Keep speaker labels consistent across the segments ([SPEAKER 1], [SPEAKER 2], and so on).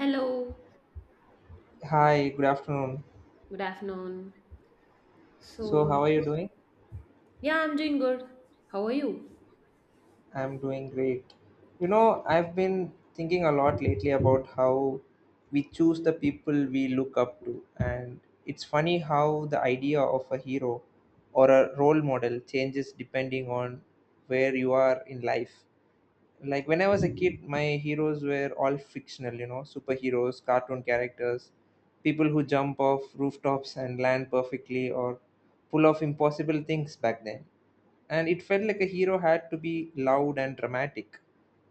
[SPEAKER 1] Hello,
[SPEAKER 2] Hi, good afternoon.
[SPEAKER 1] good afternoon.
[SPEAKER 2] So, how
[SPEAKER 1] So,
[SPEAKER 2] are you
[SPEAKER 1] to-
[SPEAKER 2] doing?
[SPEAKER 1] yeah, I'm doing good. How are you?
[SPEAKER 2] I'm doing great. You know, I've been thinking a lot lately about how we choose the people we look up to, and it's funny how the idea of a hero or a role model changes depending on where you are in life. Like when I was a kid, my heroes were all fictional, you know, superheroes, cartoon characters, people who jump off rooftops and land perfectly or pull off impossible things back then, and it felt like a hero had to be loud and dramatic,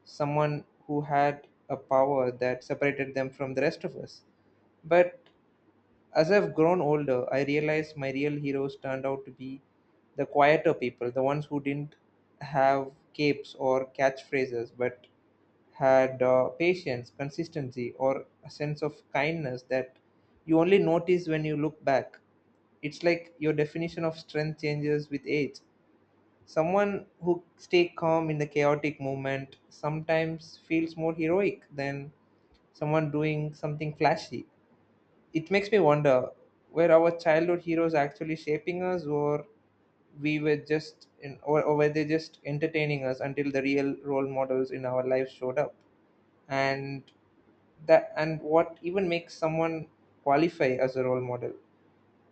[SPEAKER 2] someone who had a power that separated them from the rest of us. But as I've grown older, I realized my real heroes turned out to be the quieter people, the ones who didn't have capes or catchphrases, but had patience, consistency, or a sense of kindness that you only notice when you look back. It's like your definition of strength changes with age. Someone who stays calm in the chaotic movement sometimes feels more heroic than someone doing something flashy. It makes me wonder, were our childhood heroes actually shaping us, or we were just in, or were they just entertaining us until the real role models in our lives showed up? And that and what even makes someone qualify as a role model?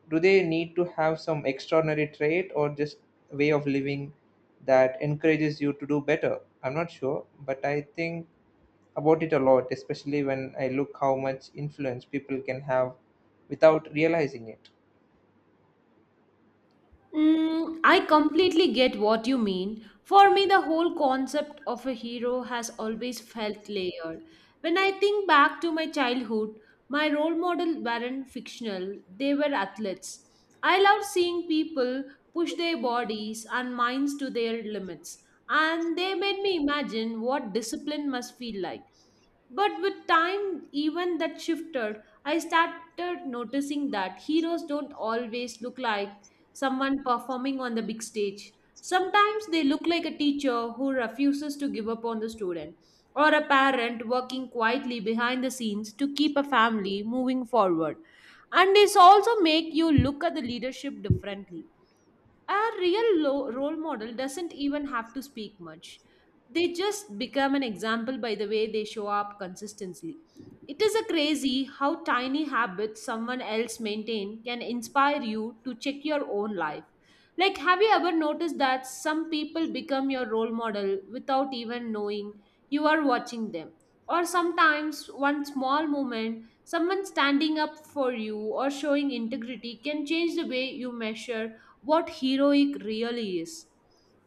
[SPEAKER 2] Do they need to have some extraordinary trait, or just way of living that encourages you to do better? I'm not sure, but I think about it a lot, especially when I look how much influence people can have without realizing it.
[SPEAKER 1] Mm, I completely get what you mean. For me, the whole concept of a hero has always felt layered. When I think back to my childhood, my role model weren't fictional, they were athletes. I loved seeing people push their bodies and minds to their limits, and they made me imagine what discipline must feel like. But with time, even that shifted, I started noticing that heroes don't always look like someone performing on the big stage. Sometimes they look like a teacher who refuses to give up on the student, or a parent working quietly behind the scenes to keep a family moving forward. And this also make you look at the leadership differently. A role model doesn't even have to speak much. They just become an example by the way they show up consistently. It is a crazy how tiny habits someone else maintain can inspire you to check your own life. Like, have you ever noticed that some people become your role model without even knowing you are watching them? Or sometimes one small moment, someone standing up for you or showing integrity, can change the way you measure what heroic really is.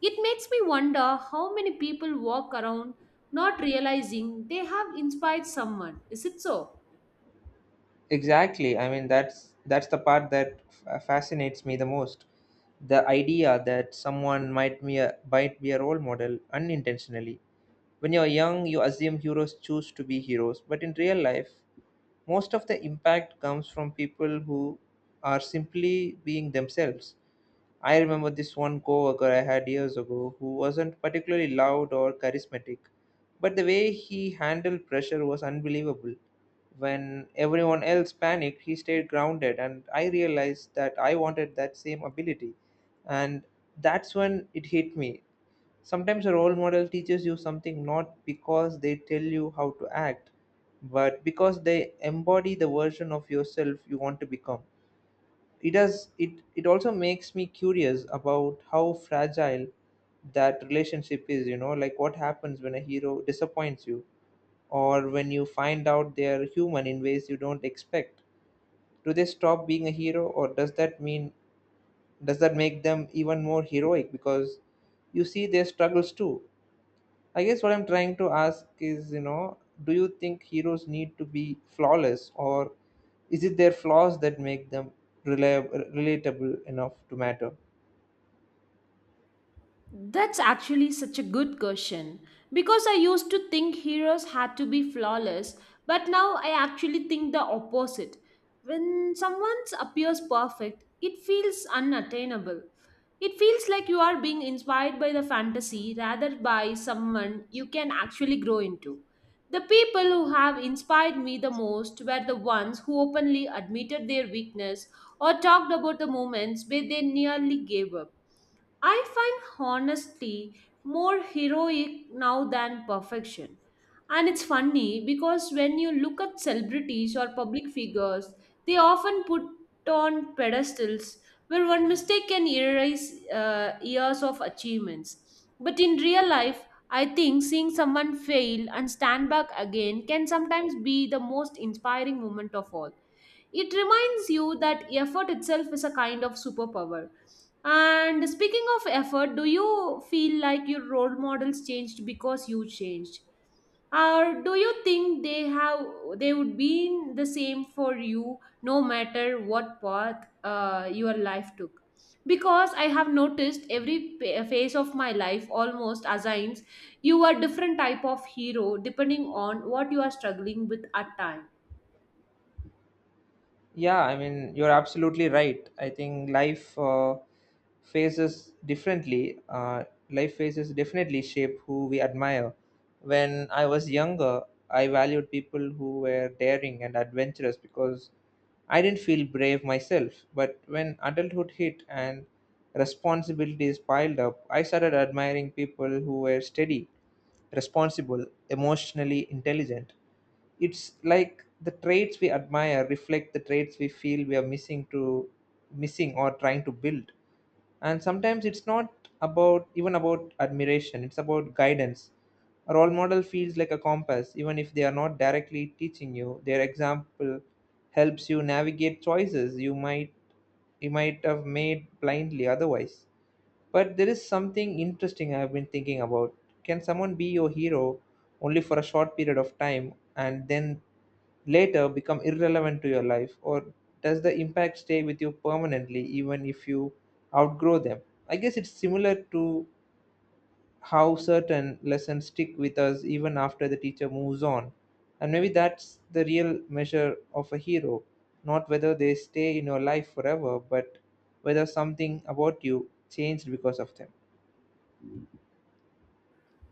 [SPEAKER 1] It makes me wonder how many people walk around not realizing they have inspired someone. Is it so?
[SPEAKER 2] Exactly, I mean that's the part that fascinates me the most. The idea that someone might be a role model unintentionally. When you're young you assume heroes choose to be heroes, but in real life most of the impact comes from people who are simply being themselves. I remember this one coworker I had years ago who wasn't particularly loud or charismatic, but the way he handled pressure was unbelievable. When everyone else panicked, he stayed grounded, and I realized that I wanted that same ability. And that's when it hit me. Sometimes a role model teaches you something not because they tell you how to act, but because they embody the version of yourself you want to become. It does it it also makes me curious about how fragile that relationship is, you know, like what happens when a hero disappoints you or when you find out they are human in ways you don't expect. Do they stop being a hero, or does that make them even more heroic because you see their struggles too? I guess what I'm trying to ask is, you know, do you think heroes need to be flawless, or is it their flaws that make them relia- relatable enough to matter?
[SPEAKER 1] That's actually such a good question because I used to think heroes had to be flawless, but now I actually think the opposite. When someone appears perfect, it feels unattainable. It feels like you are being inspired by the fantasy rather by someone you can actually grow into. The people who have inspired me the most were the ones who openly admitted their weakness or talked about the moments where they nearly gave up. I find honesty more heroic now than perfection. And it's funny because when you look at celebrities or public figures, they often put on pedestals where one mistake can erase years of achievements. But in real life, I think seeing someone fail and stand back again can sometimes be the most inspiring moment of all. It reminds you that effort itself is a kind of superpower. And speaking of effort, do you feel like your role models changed because you changed? Or do you think they would be the same for you no matter what path your life took? Because I have noticed every phase of my life almost assigns you a different type of hero depending on what you are struggling with at time.
[SPEAKER 2] Yeah, I mean, you're absolutely right. I think life phases differently. Life phases definitely shape who we admire. When I was younger, I valued people who were daring and adventurous because I didn't feel brave myself. But when adulthood hit and responsibilities piled up, I started admiring people who were steady, responsible, emotionally intelligent. It's like the traits we admire reflect the traits we feel we are missing or trying to build. And sometimes it's not about admiration, it's about guidance. A role model feels like a compass. Even if they are not directly teaching you, their example helps you navigate choices you might have made blindly otherwise. But there is something interesting I've been thinking about. Can someone be your hero only for a short period of time and then later become irrelevant to your life? Or does the impact stay with you permanently even if you outgrow them? I guess it's similar to how certain lessons stick with us even after the teacher moves on. And maybe that's the real measure of a hero, not whether they stay in your life forever, but whether something about you changed because of them.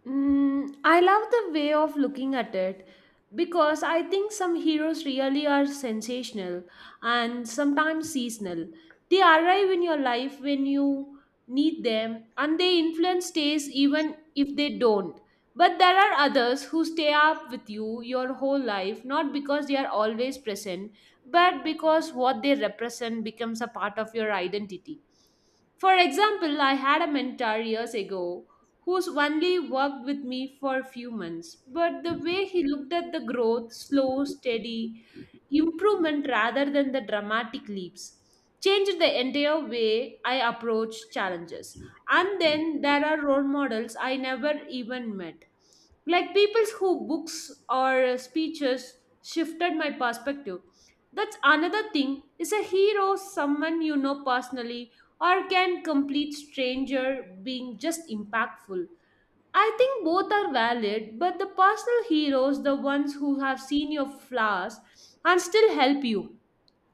[SPEAKER 1] Mm, I love the way of looking at it because I think some heroes really are sensational and sometimes seasonal. They arrive in your life when you need them and their influence stays even if they don't. But there are others who stay up with you your whole life, not because they are always present, but because what they represent becomes a part of your identity. For example, I had a mentor years ago who's only worked with me for a few months. But the way he looked at the growth, slow, steady improvement rather than the dramatic leaps, changed the entire way I approach challenges. And then there are role models I never even met. Like people who books or speeches shifted my perspective. That's another thing. Is a hero someone you know personally, or can complete stranger being just impactful? I think both are valid, but the personal heroes, the ones who have seen your flaws and still help you,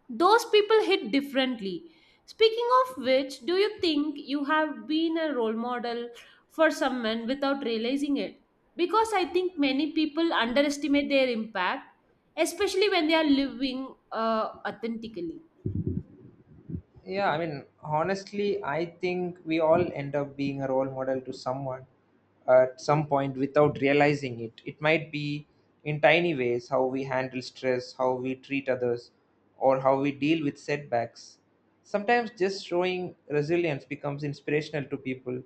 [SPEAKER 1] those people hit differently. Speaking of which, do you think you have been a role model for some men without realizing it? Because I think many people underestimate their impact, especially when they are living authentically.
[SPEAKER 2] Yeah, I mean, honestly, I think we all end up being a role model to someone at some point without realizing it. It might be in tiny ways, how we handle stress, how we treat others, or how we deal with setbacks. Sometimes just showing resilience becomes inspirational to people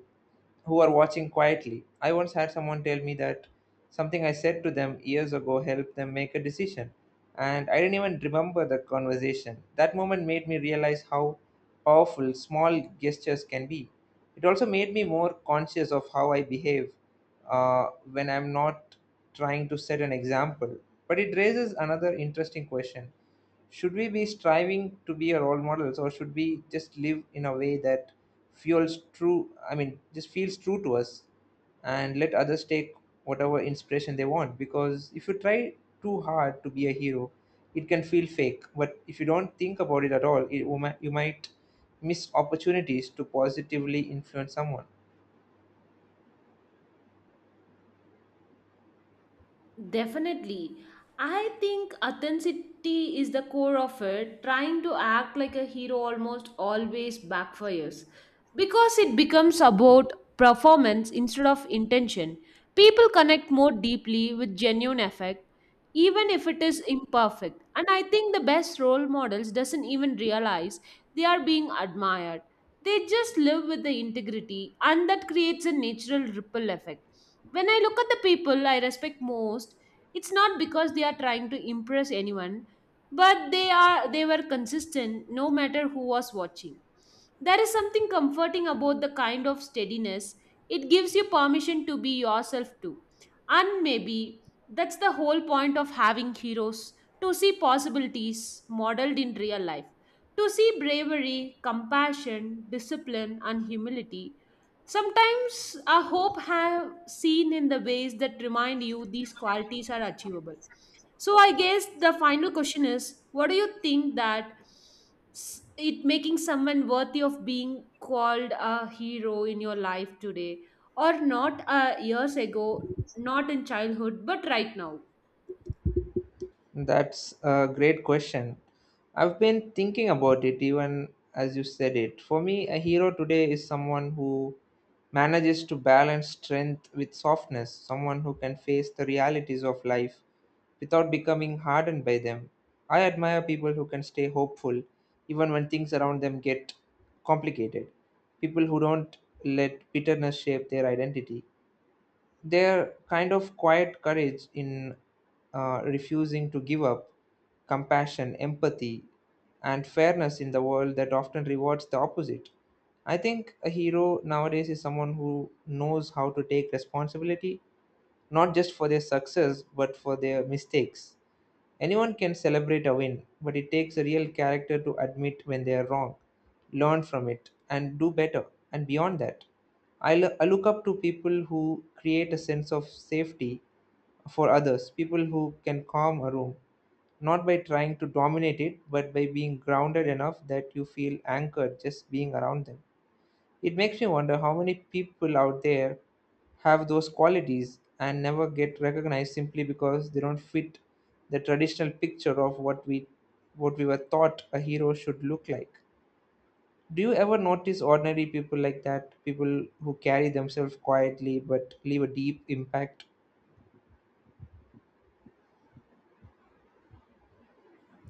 [SPEAKER 2] who are watching quietly. I once had someone tell me that something I said to them years ago helped them make a decision, and I didn't even remember the conversation. That moment made me realize how powerful small gestures can be. It also made me more conscious of how I behave, when I'm not trying to set an example. But it raises another interesting question. Should we be striving to be a role models, or should we just live in a way that fuels true I mean just feels true to us, and let others take whatever inspiration they want? Because if you try too hard to be a hero it can feel fake, but if you don't think about it at all, you might miss opportunities to positively influence someone.
[SPEAKER 1] Definitely. I think authenticity is the core of it. Trying to act like a hero almost always backfires because it becomes about performance instead of intention. People connect more deeply with genuine effect even if it is imperfect, and I think the best role models doesn't even realize they are being admired. They just live with the integrity, and that creates a natural ripple effect. When I look at the people I respect most, it's not because they are trying to impress anyone, but they were consistent no matter who was watching. There is something comforting about the kind of steadiness. It gives you permission to be yourself too. And maybe that's the whole point of having heroes, to see possibilities modeled in real life, to see bravery, compassion, discipline, and humility. Sometimes I hope have seen in the ways that remind you these qualities are achievable. So I guess the final question is, what do you think that it making someone worthy of being called a hero in your life today, or not years ago, not in childhood, but right now?
[SPEAKER 2] That's a great question. I've been thinking about it even as you said it. For me, a hero today is someone who manages to balance strength with softness, someone who can face the realities of life without becoming hardened by them. I admire people who can stay hopeful even when things around them get complicated, people who don't let bitterness shape their identity. Their kind of quiet courage in refusing to give up, compassion, empathy, and fairness in the world that often rewards the opposite. I think a hero nowadays is someone who knows how to take responsibility, not just for their success but for their mistakes. Anyone can celebrate a win, but it takes a real character to admit when they are wrong, learn from it, and do better. And beyond that, I look up to people who create a sense of safety for others, people who can calm a room, not by trying to dominate it, but by being grounded enough that you feel anchored just being around them. It makes me wonder how many people out there have those qualities and never get recognized simply because they don't fit the traditional picture of what we were taught a hero should look like. Do you ever notice ordinary people like that? People who carry themselves quietly but leave a deep impact?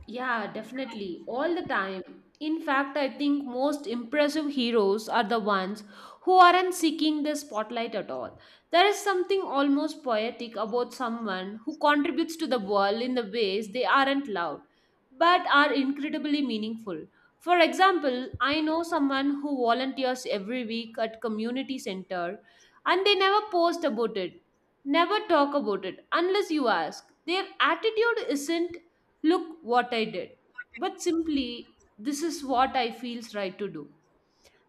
[SPEAKER 1] Yeah, definitely. All the time. In fact, I think most impressive heroes are the ones who aren't seeking the spotlight at all. There is something almost poetic about someone who contributes to the world in the ways they aren't loud, but are incredibly meaningful. For example, I know someone who volunteers every week at community center and they never post about it, never talk about it unless you ask. Their attitude isn't "Look what I did," but simply, "This is what I feels right to do."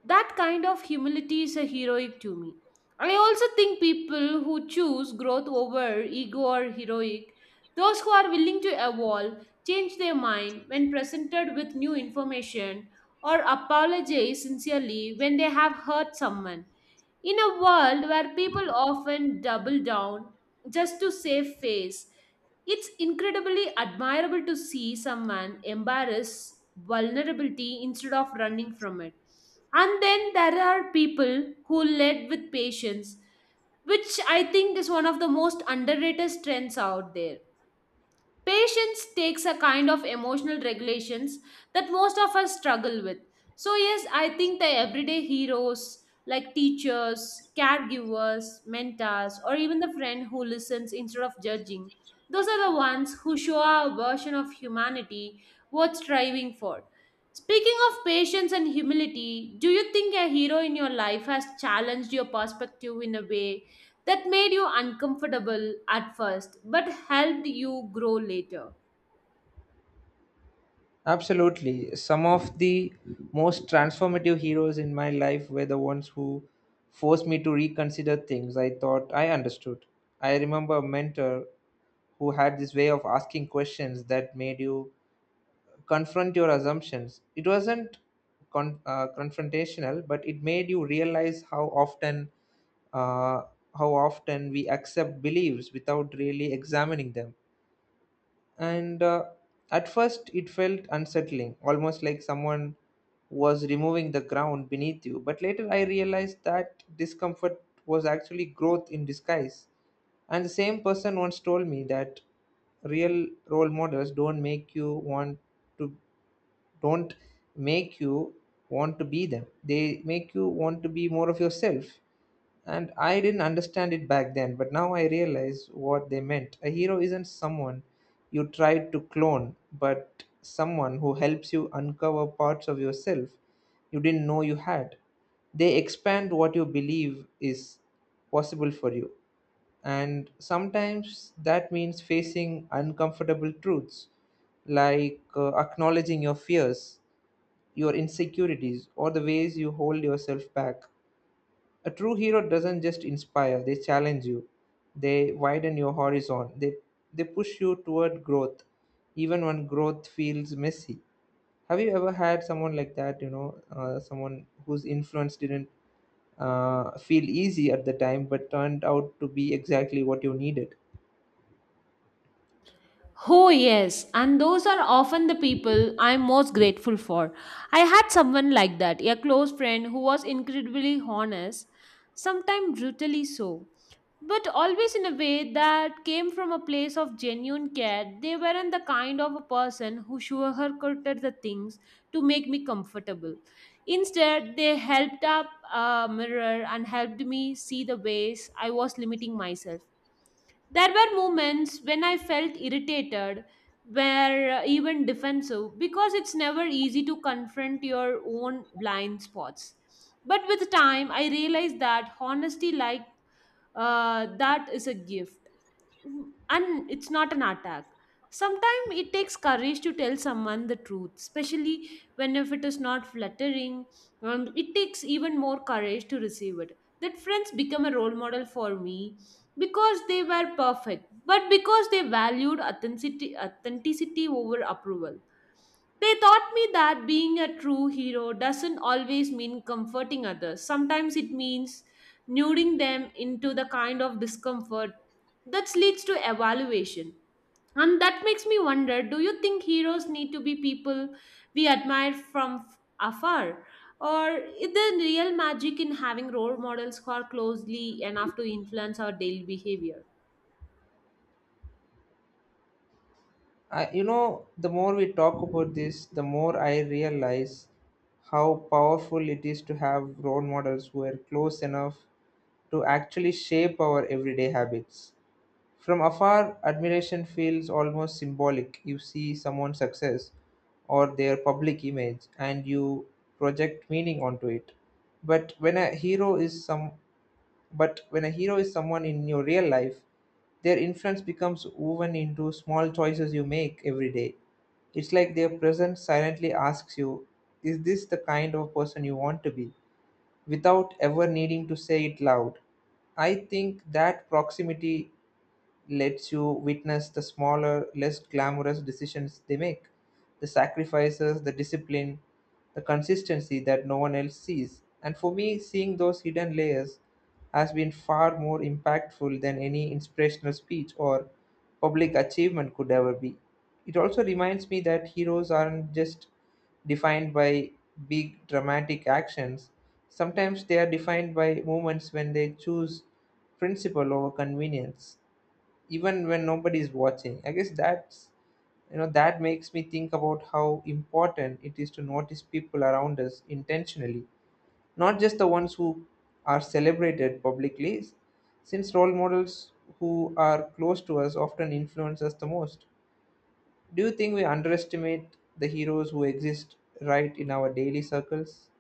[SPEAKER 1] That kind of humility is a heroic to me. I also think people who choose growth over ego or heroic, those who are willing to evolve, change their mind when presented with new information, or apologize sincerely when they have hurt someone. In a world where people often double down just to save face, it's incredibly admirable to see someone embrace vulnerability instead of running from it. And then there are people who lead with patience, which I think is one of the most underrated strengths out there. Patience takes a kind of emotional regulations that most of us struggle with. So, yes, I think the everyday heroes like teachers, caregivers, mentors, or even the friend who listens instead of judging, those are the ones who show our version of humanity worth striving for. Speaking of patience and humility, do you think a hero in your life has challenged your perspective in a way that made you uncomfortable at first but helped you grow later?
[SPEAKER 2] Absolutely. Some of the most transformative heroes in my life were the ones who forced me to reconsider things I thought I understood. I remember a mentor who had this way of asking questions that made you confront your assumptions. It wasn't confrontational, but it made you realize how often uh, we accept beliefs without really examining them. And at first it felt unsettling, almost like someone was removing the ground beneath you, but later I realized that discomfort was actually growth in disguise. And the same person once told me that real role models don't make you want to don't make you want to be them, they make you want to be more of yourself. And I didn't understand it back then, but now I realize what they meant. A hero isn't someone you try to clone, but someone who helps you uncover parts of yourself you didn't know you had. They expand what you believe is possible for you. And sometimes that means facing uncomfortable truths, like acknowledging your fears, your insecurities, or the ways you hold yourself back. A true hero doesn't just inspire, they challenge you, they widen your horizon, they push you toward growth, even when growth feels messy. Have you ever had someone like that, you know, someone whose influence didn't feel easy at the time but turned out to be exactly what you needed?
[SPEAKER 1] Oh, yes, and those are often the people I'm most grateful for. I had someone like that, a close friend who was incredibly honest, sometimes brutally so, but always in a way that came from a place of genuine care. They weren't the kind of a person who sugarcoated the things to make me comfortable. Instead, they helped up a mirror and helped me see the ways I was limiting myself. There were moments when I felt irritated, were even defensive, because it's never easy to confront your own blind spots. But with time, I realized that honesty, like, that is a gift. Mm, and it's not an attack. Sometimes it takes courage to tell someone the truth, especially when if it is not flattering. It takes even more courage to receive it. That friends become a role model for me because they were perfect but because they valued authenticity over approval. They taught me that being a true hero doesn't always mean comforting others. Sometimes it means luring them into the kind of discomfort that leads to evaluation. And that makes me wonder, do you think heroes need to be people we admire from afar? Or is there real magic in having role models who are closely enough to influence our daily behavior?
[SPEAKER 2] I, you know, the more we talk about this, the more I realize how powerful it is to have role models who are close enough to actually shape our everyday habits. From afar, admiration feels almost symbolic. You see someone's success or their public image and you project meaning onto it. But when a hero is some but when a hero is someone in your real life, their influence becomes woven into small choices you make every day. It's like their presence silently asks you, is this the kind of person you want to be? Without ever needing to say it loud. I think that proximity lets you witness the smaller, less glamorous decisions they make, the sacrifices, the discipline, the consistency that no one else sees. And for me, seeing those hidden layers has been far more impactful than any inspirational speech or public achievement could ever be. It also reminds me that heroes aren't just defined by big dramatic actions. Sometimes they are defined by moments when they choose principle over convenience even when nobody is watching. I guess that's you know that makes me think about how important it is to notice people around us intentionally, not just the ones who are celebrated publicly, since role models who are close to us often influence us the most. Do you think we underestimate the heroes who exist right in our daily circles?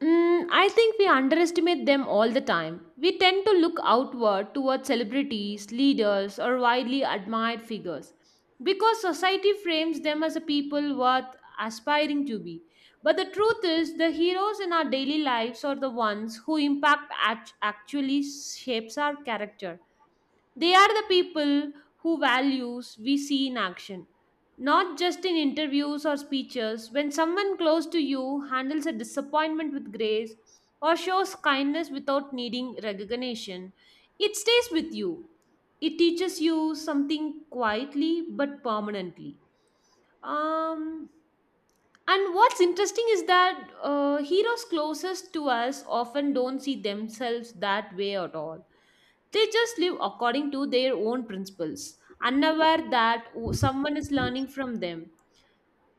[SPEAKER 1] Mm, I think we underestimate them all the time. We tend to look outward towards celebrities, leaders, or widely admired figures because society frames them as a people worth aspiring to be. But the truth is, the heroes in our daily lives are the ones who actually shapes our character. They are the people who values we see in action, not just in interviews or speeches. When someone close to you handles a disappointment with grace or shows kindness without needing recognition, it stays with you. It teaches you something quietly but permanently. Um, and what's interesting is that heroes closest to us often don't see themselves that way at all. They just live according to their own principles, unaware that someone is learning from them.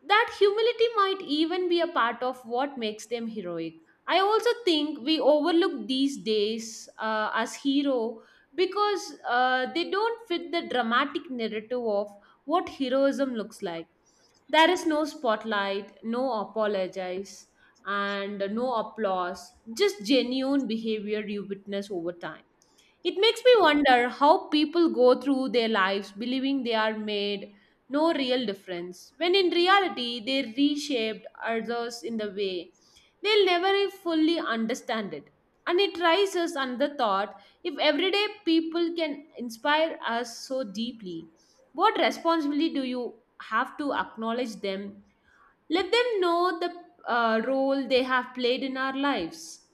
[SPEAKER 1] That humility might even be a part of what makes them heroic. I also think we overlook these days as hero because they don't fit the dramatic narrative of what heroism looks like. There is no spotlight, no apologize, and no applause, just genuine behavior you witness over time. It makes me wonder how people go through their lives believing they are made no real difference, when in reality they reshaped others in the way they'll never fully understand it. And it raises another thought, if everyday people can inspire us so deeply, what responsibility do you have to acknowledge them? Let them know the role they have played in our lives.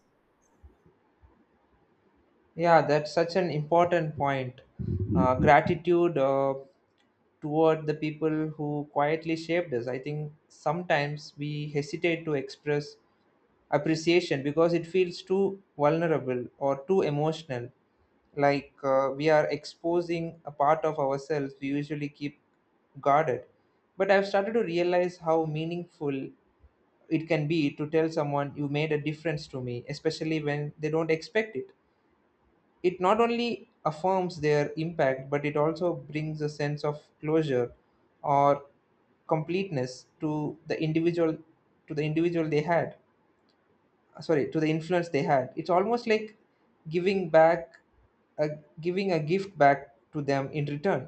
[SPEAKER 2] Yeah, that's such an important point. Gratitude, toward the people who quietly shaped us. I think sometimes we hesitate to express appreciation because it feels too vulnerable or too emotional. Like, we are exposing a part of ourselves we usually keep guarded. But I've started to realize how meaningful it can be to tell someone you made a difference to me, especially when they don't expect it. It not only affirms their impact, but it also brings a sense of closure or completeness to the individual they had, sorry, to the influence they had. It's almost like giving back a, giving a gift back to them in return.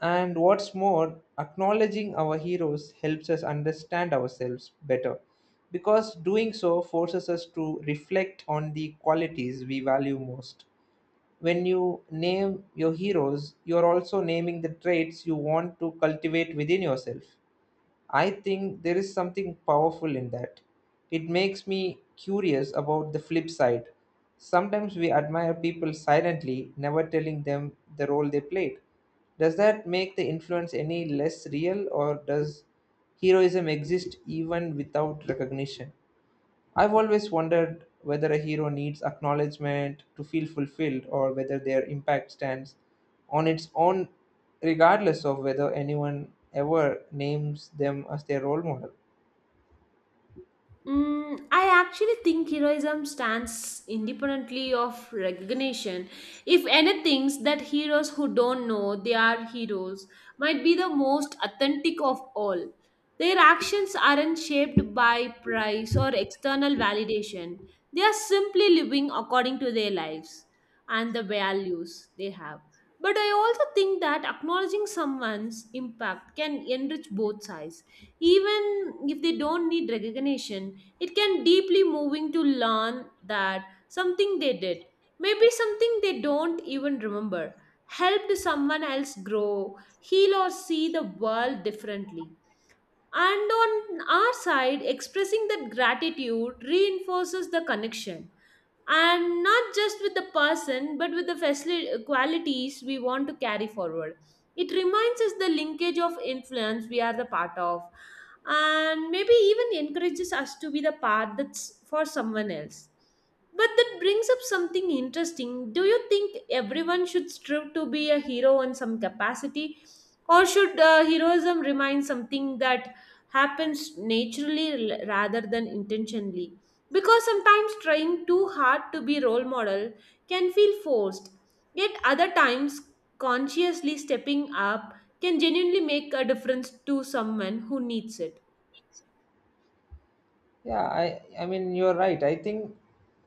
[SPEAKER 2] And what's more, acknowledging our heroes helps us understand ourselves better, because doing so forces us to reflect on the qualities we value most. When you name your heroes, you're also naming the traits you want to cultivate within yourself. I think there is something powerful in that. It makes me curious about the flip side. Sometimes we admire people silently, never telling them the role they played. Does that make the influence any less real, or does heroism exist even without recognition? I've always wondered whether a hero needs acknowledgement to feel fulfilled or whether their impact stands on its own, regardless of whether anyone ever names them as their role model.
[SPEAKER 1] Mm, I actually think heroism stands independently of recognition. If anything, that heroes who don't know they are heroes might be the most authentic of all. Their actions aren't shaped by price or external validation. They are simply living according to their lives and the values they have. But I also think that acknowledging someone's impact can enrich both sides, even if they don't need recognition. It can deeply moving to learn that something they did, maybe something they don't even remember, helped someone else grow, heal, or see the world differently. And on our side, expressing that gratitude reinforces the connection. And not just with the person, but with the qualities we want to carry forward. It reminds us the linkage of influence we are the part of, and maybe even encourages us to be the part that's for someone else. But that brings up something interesting. Do you think everyone should strive to be a hero in some capacity? Or should heroism remain something that happens naturally rather than intentionally? Because sometimes trying too hard to be role model can feel forced, yet other times consciously stepping up can genuinely make a difference to someone who needs it.
[SPEAKER 2] Yeah, I mean, you're right. I think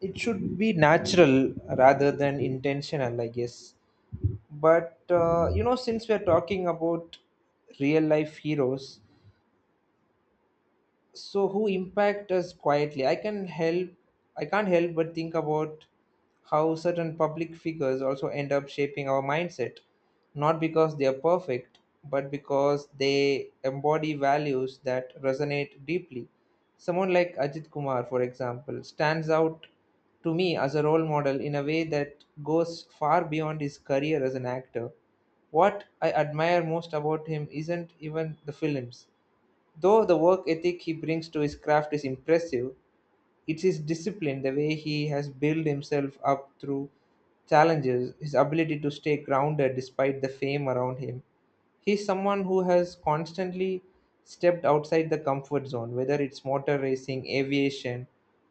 [SPEAKER 2] it should be natural rather than intentional, I guess. But, you know, since we're talking about real life heroes, so who impact us quietly, I can't help but think about how certain public figures also end up shaping our mindset, not because they are perfect, but because they embody values that resonate deeply. Someone like Ajit Kumar, for example, stands out to me as a role model in a way that goes far beyond his career as an actor. What I admire most about him isn't even the films. Though the work ethic he brings to his craft is impressive, it's his discipline, the way he has built himself up through challenges, his ability to stay grounded despite the fame around him. He's someone who has constantly stepped outside the comfort zone, whether it's motor racing, aviation,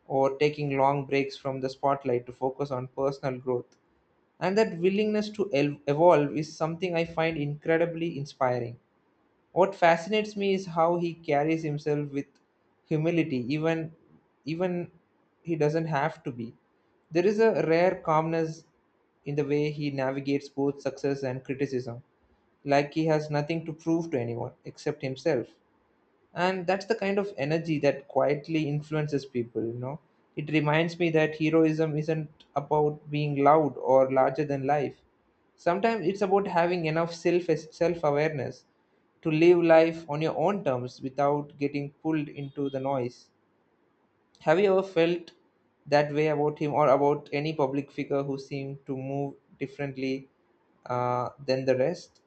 [SPEAKER 2] or taking long breaks from the spotlight to focus on personal growth. And that willingness to evolve is something I find incredibly inspiring. What fascinates me is how he carries himself with humility, even he doesn't have to be. There is a rare calmness in the way he navigates both success and criticism, like he has nothing to prove to anyone except himself. And that's the kind of energy that quietly influences people. It reminds me that heroism isn't about being loud or larger than life. Sometimes it's about having enough self awareness to live life on your own terms without getting pulled into the noise. Have you ever felt that way about him, or about any public figure who seemed to move differently than the rest?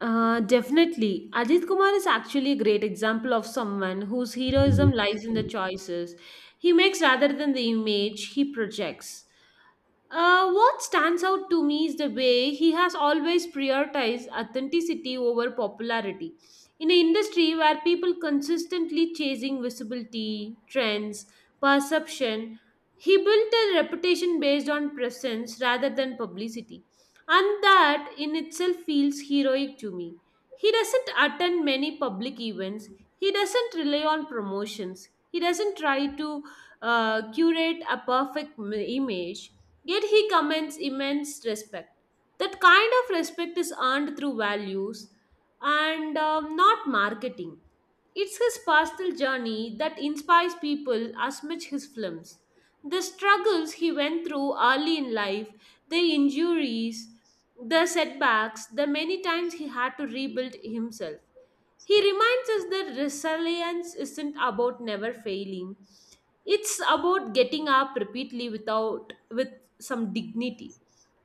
[SPEAKER 1] Definitely. Ajit Kumar is actually a great example of someone whose heroism lies in the choices he makes rather than the image he projects. What stands out to me is the way he has always prioritized authenticity over popularity. In an industry where people consistently chasing visibility, trends, perception, he built a reputation based on presence rather than publicity. And that in itself feels heroic to me. He doesn't attend many public events. He doesn't rely on promotions. He doesn't try to curate a image, yet he commands immense respect. That kind of respect is earned through values and not marketing. It's his personal journey that inspires people as much his films. The struggles he went through early in life, the injuries, the setbacks, the many times he had to rebuild himself. He reminds us that resilience isn't about never failing. It's about getting up repeatedly without with some dignity.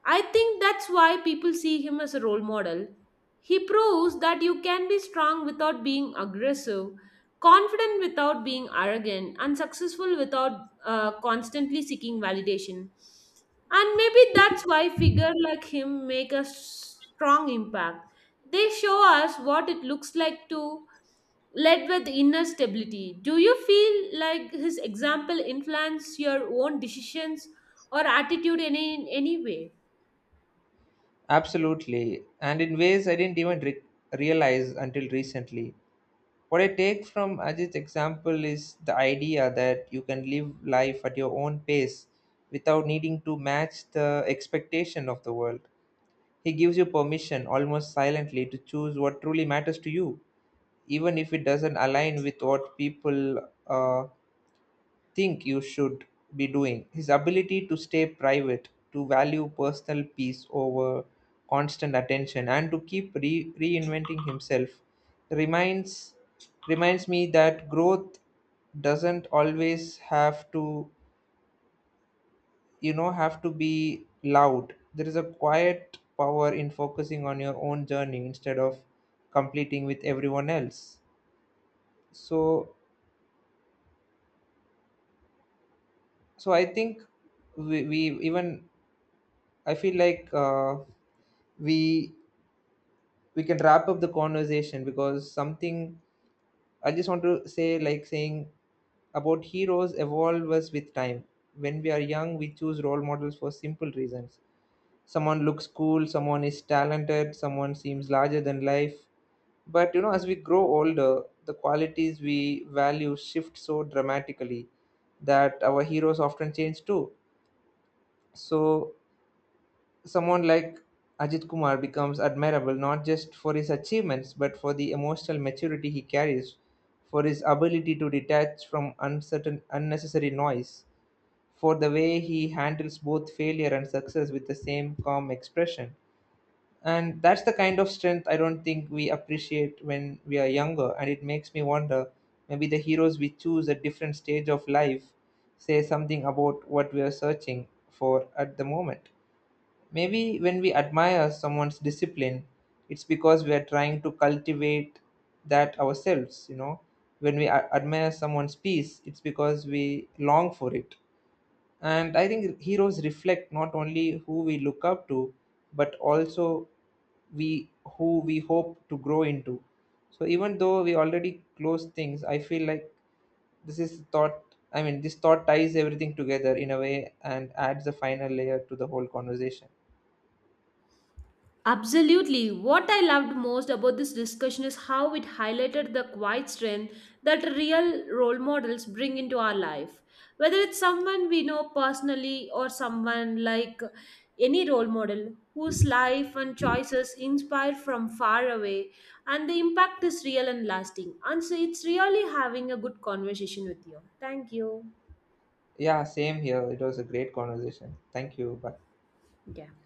[SPEAKER 1] I think that's why people see him as a role model. He proves that you can be strong without being aggressive, confident without being arrogant, and successful without constantly seeking validation. And maybe that's why figure like him make a strong impact. They show us what it looks like to lead with inner stability. Do you feel like his example influenced your own decisions or attitude in any way?
[SPEAKER 2] Absolutely, and in ways I didn't even realize until recently. What I take from Ajit's example is the idea that you can live life at your own pace without needing to match the expectation of the world. He gives you permission, almost silently, to choose what truly matters to you, even if it doesn't align with what people, think you should be doing. His ability to stay private, to value personal peace over constant attention, and to keep reinventing himself reminds reminds me that growth doesn't always have to, have to be loud. There is a quiet power in focusing on your own journey instead of completing with everyone else. So so I think we even I feel like. We we can wrap up the conversation because something I just want to say, like, saying about heroes evolve us with time. When we are young, we choose role models for simple reasons. Someone looks cool, someone is talented, someone seems larger than life. But you know, as we grow older, the qualities we value shift so dramatically that our heroes often change too. So someone like Ajit Kumar becomes admirable not just for his achievements but for the emotional maturity he carries, for his ability to detach from uncertain unnecessary noise, for the way he handles both failure and success with the same calm expression. And that's the kind of strength I don't think we appreciate when we are younger, and it makes me wonder, maybe the heroes we choose at different stage of life say something about what we are searching for at the moment. Maybe when we admire someone's discipline, it's because we are trying to cultivate that ourselves, you know. When we admire someone's peace, it's because we long for it. And I think heroes reflect not only who we look up to, but also we who we hope to grow into. So even though we already close things, I feel like this is thought. I mean, this thought ties everything together in a way and adds a final layer to the whole conversation.
[SPEAKER 1] Absolutely. What I loved most about this discussion is how it highlighted the quiet strength that real role models bring into our life. Whether it's someone we know personally or someone like any role model whose life and choices inspire from far away, and the impact is real and lasting. And so it's really having a good conversation with you. Thank you.
[SPEAKER 2] Yeah, same here. It was a great conversation. Thank you. Bye.
[SPEAKER 1] Yeah.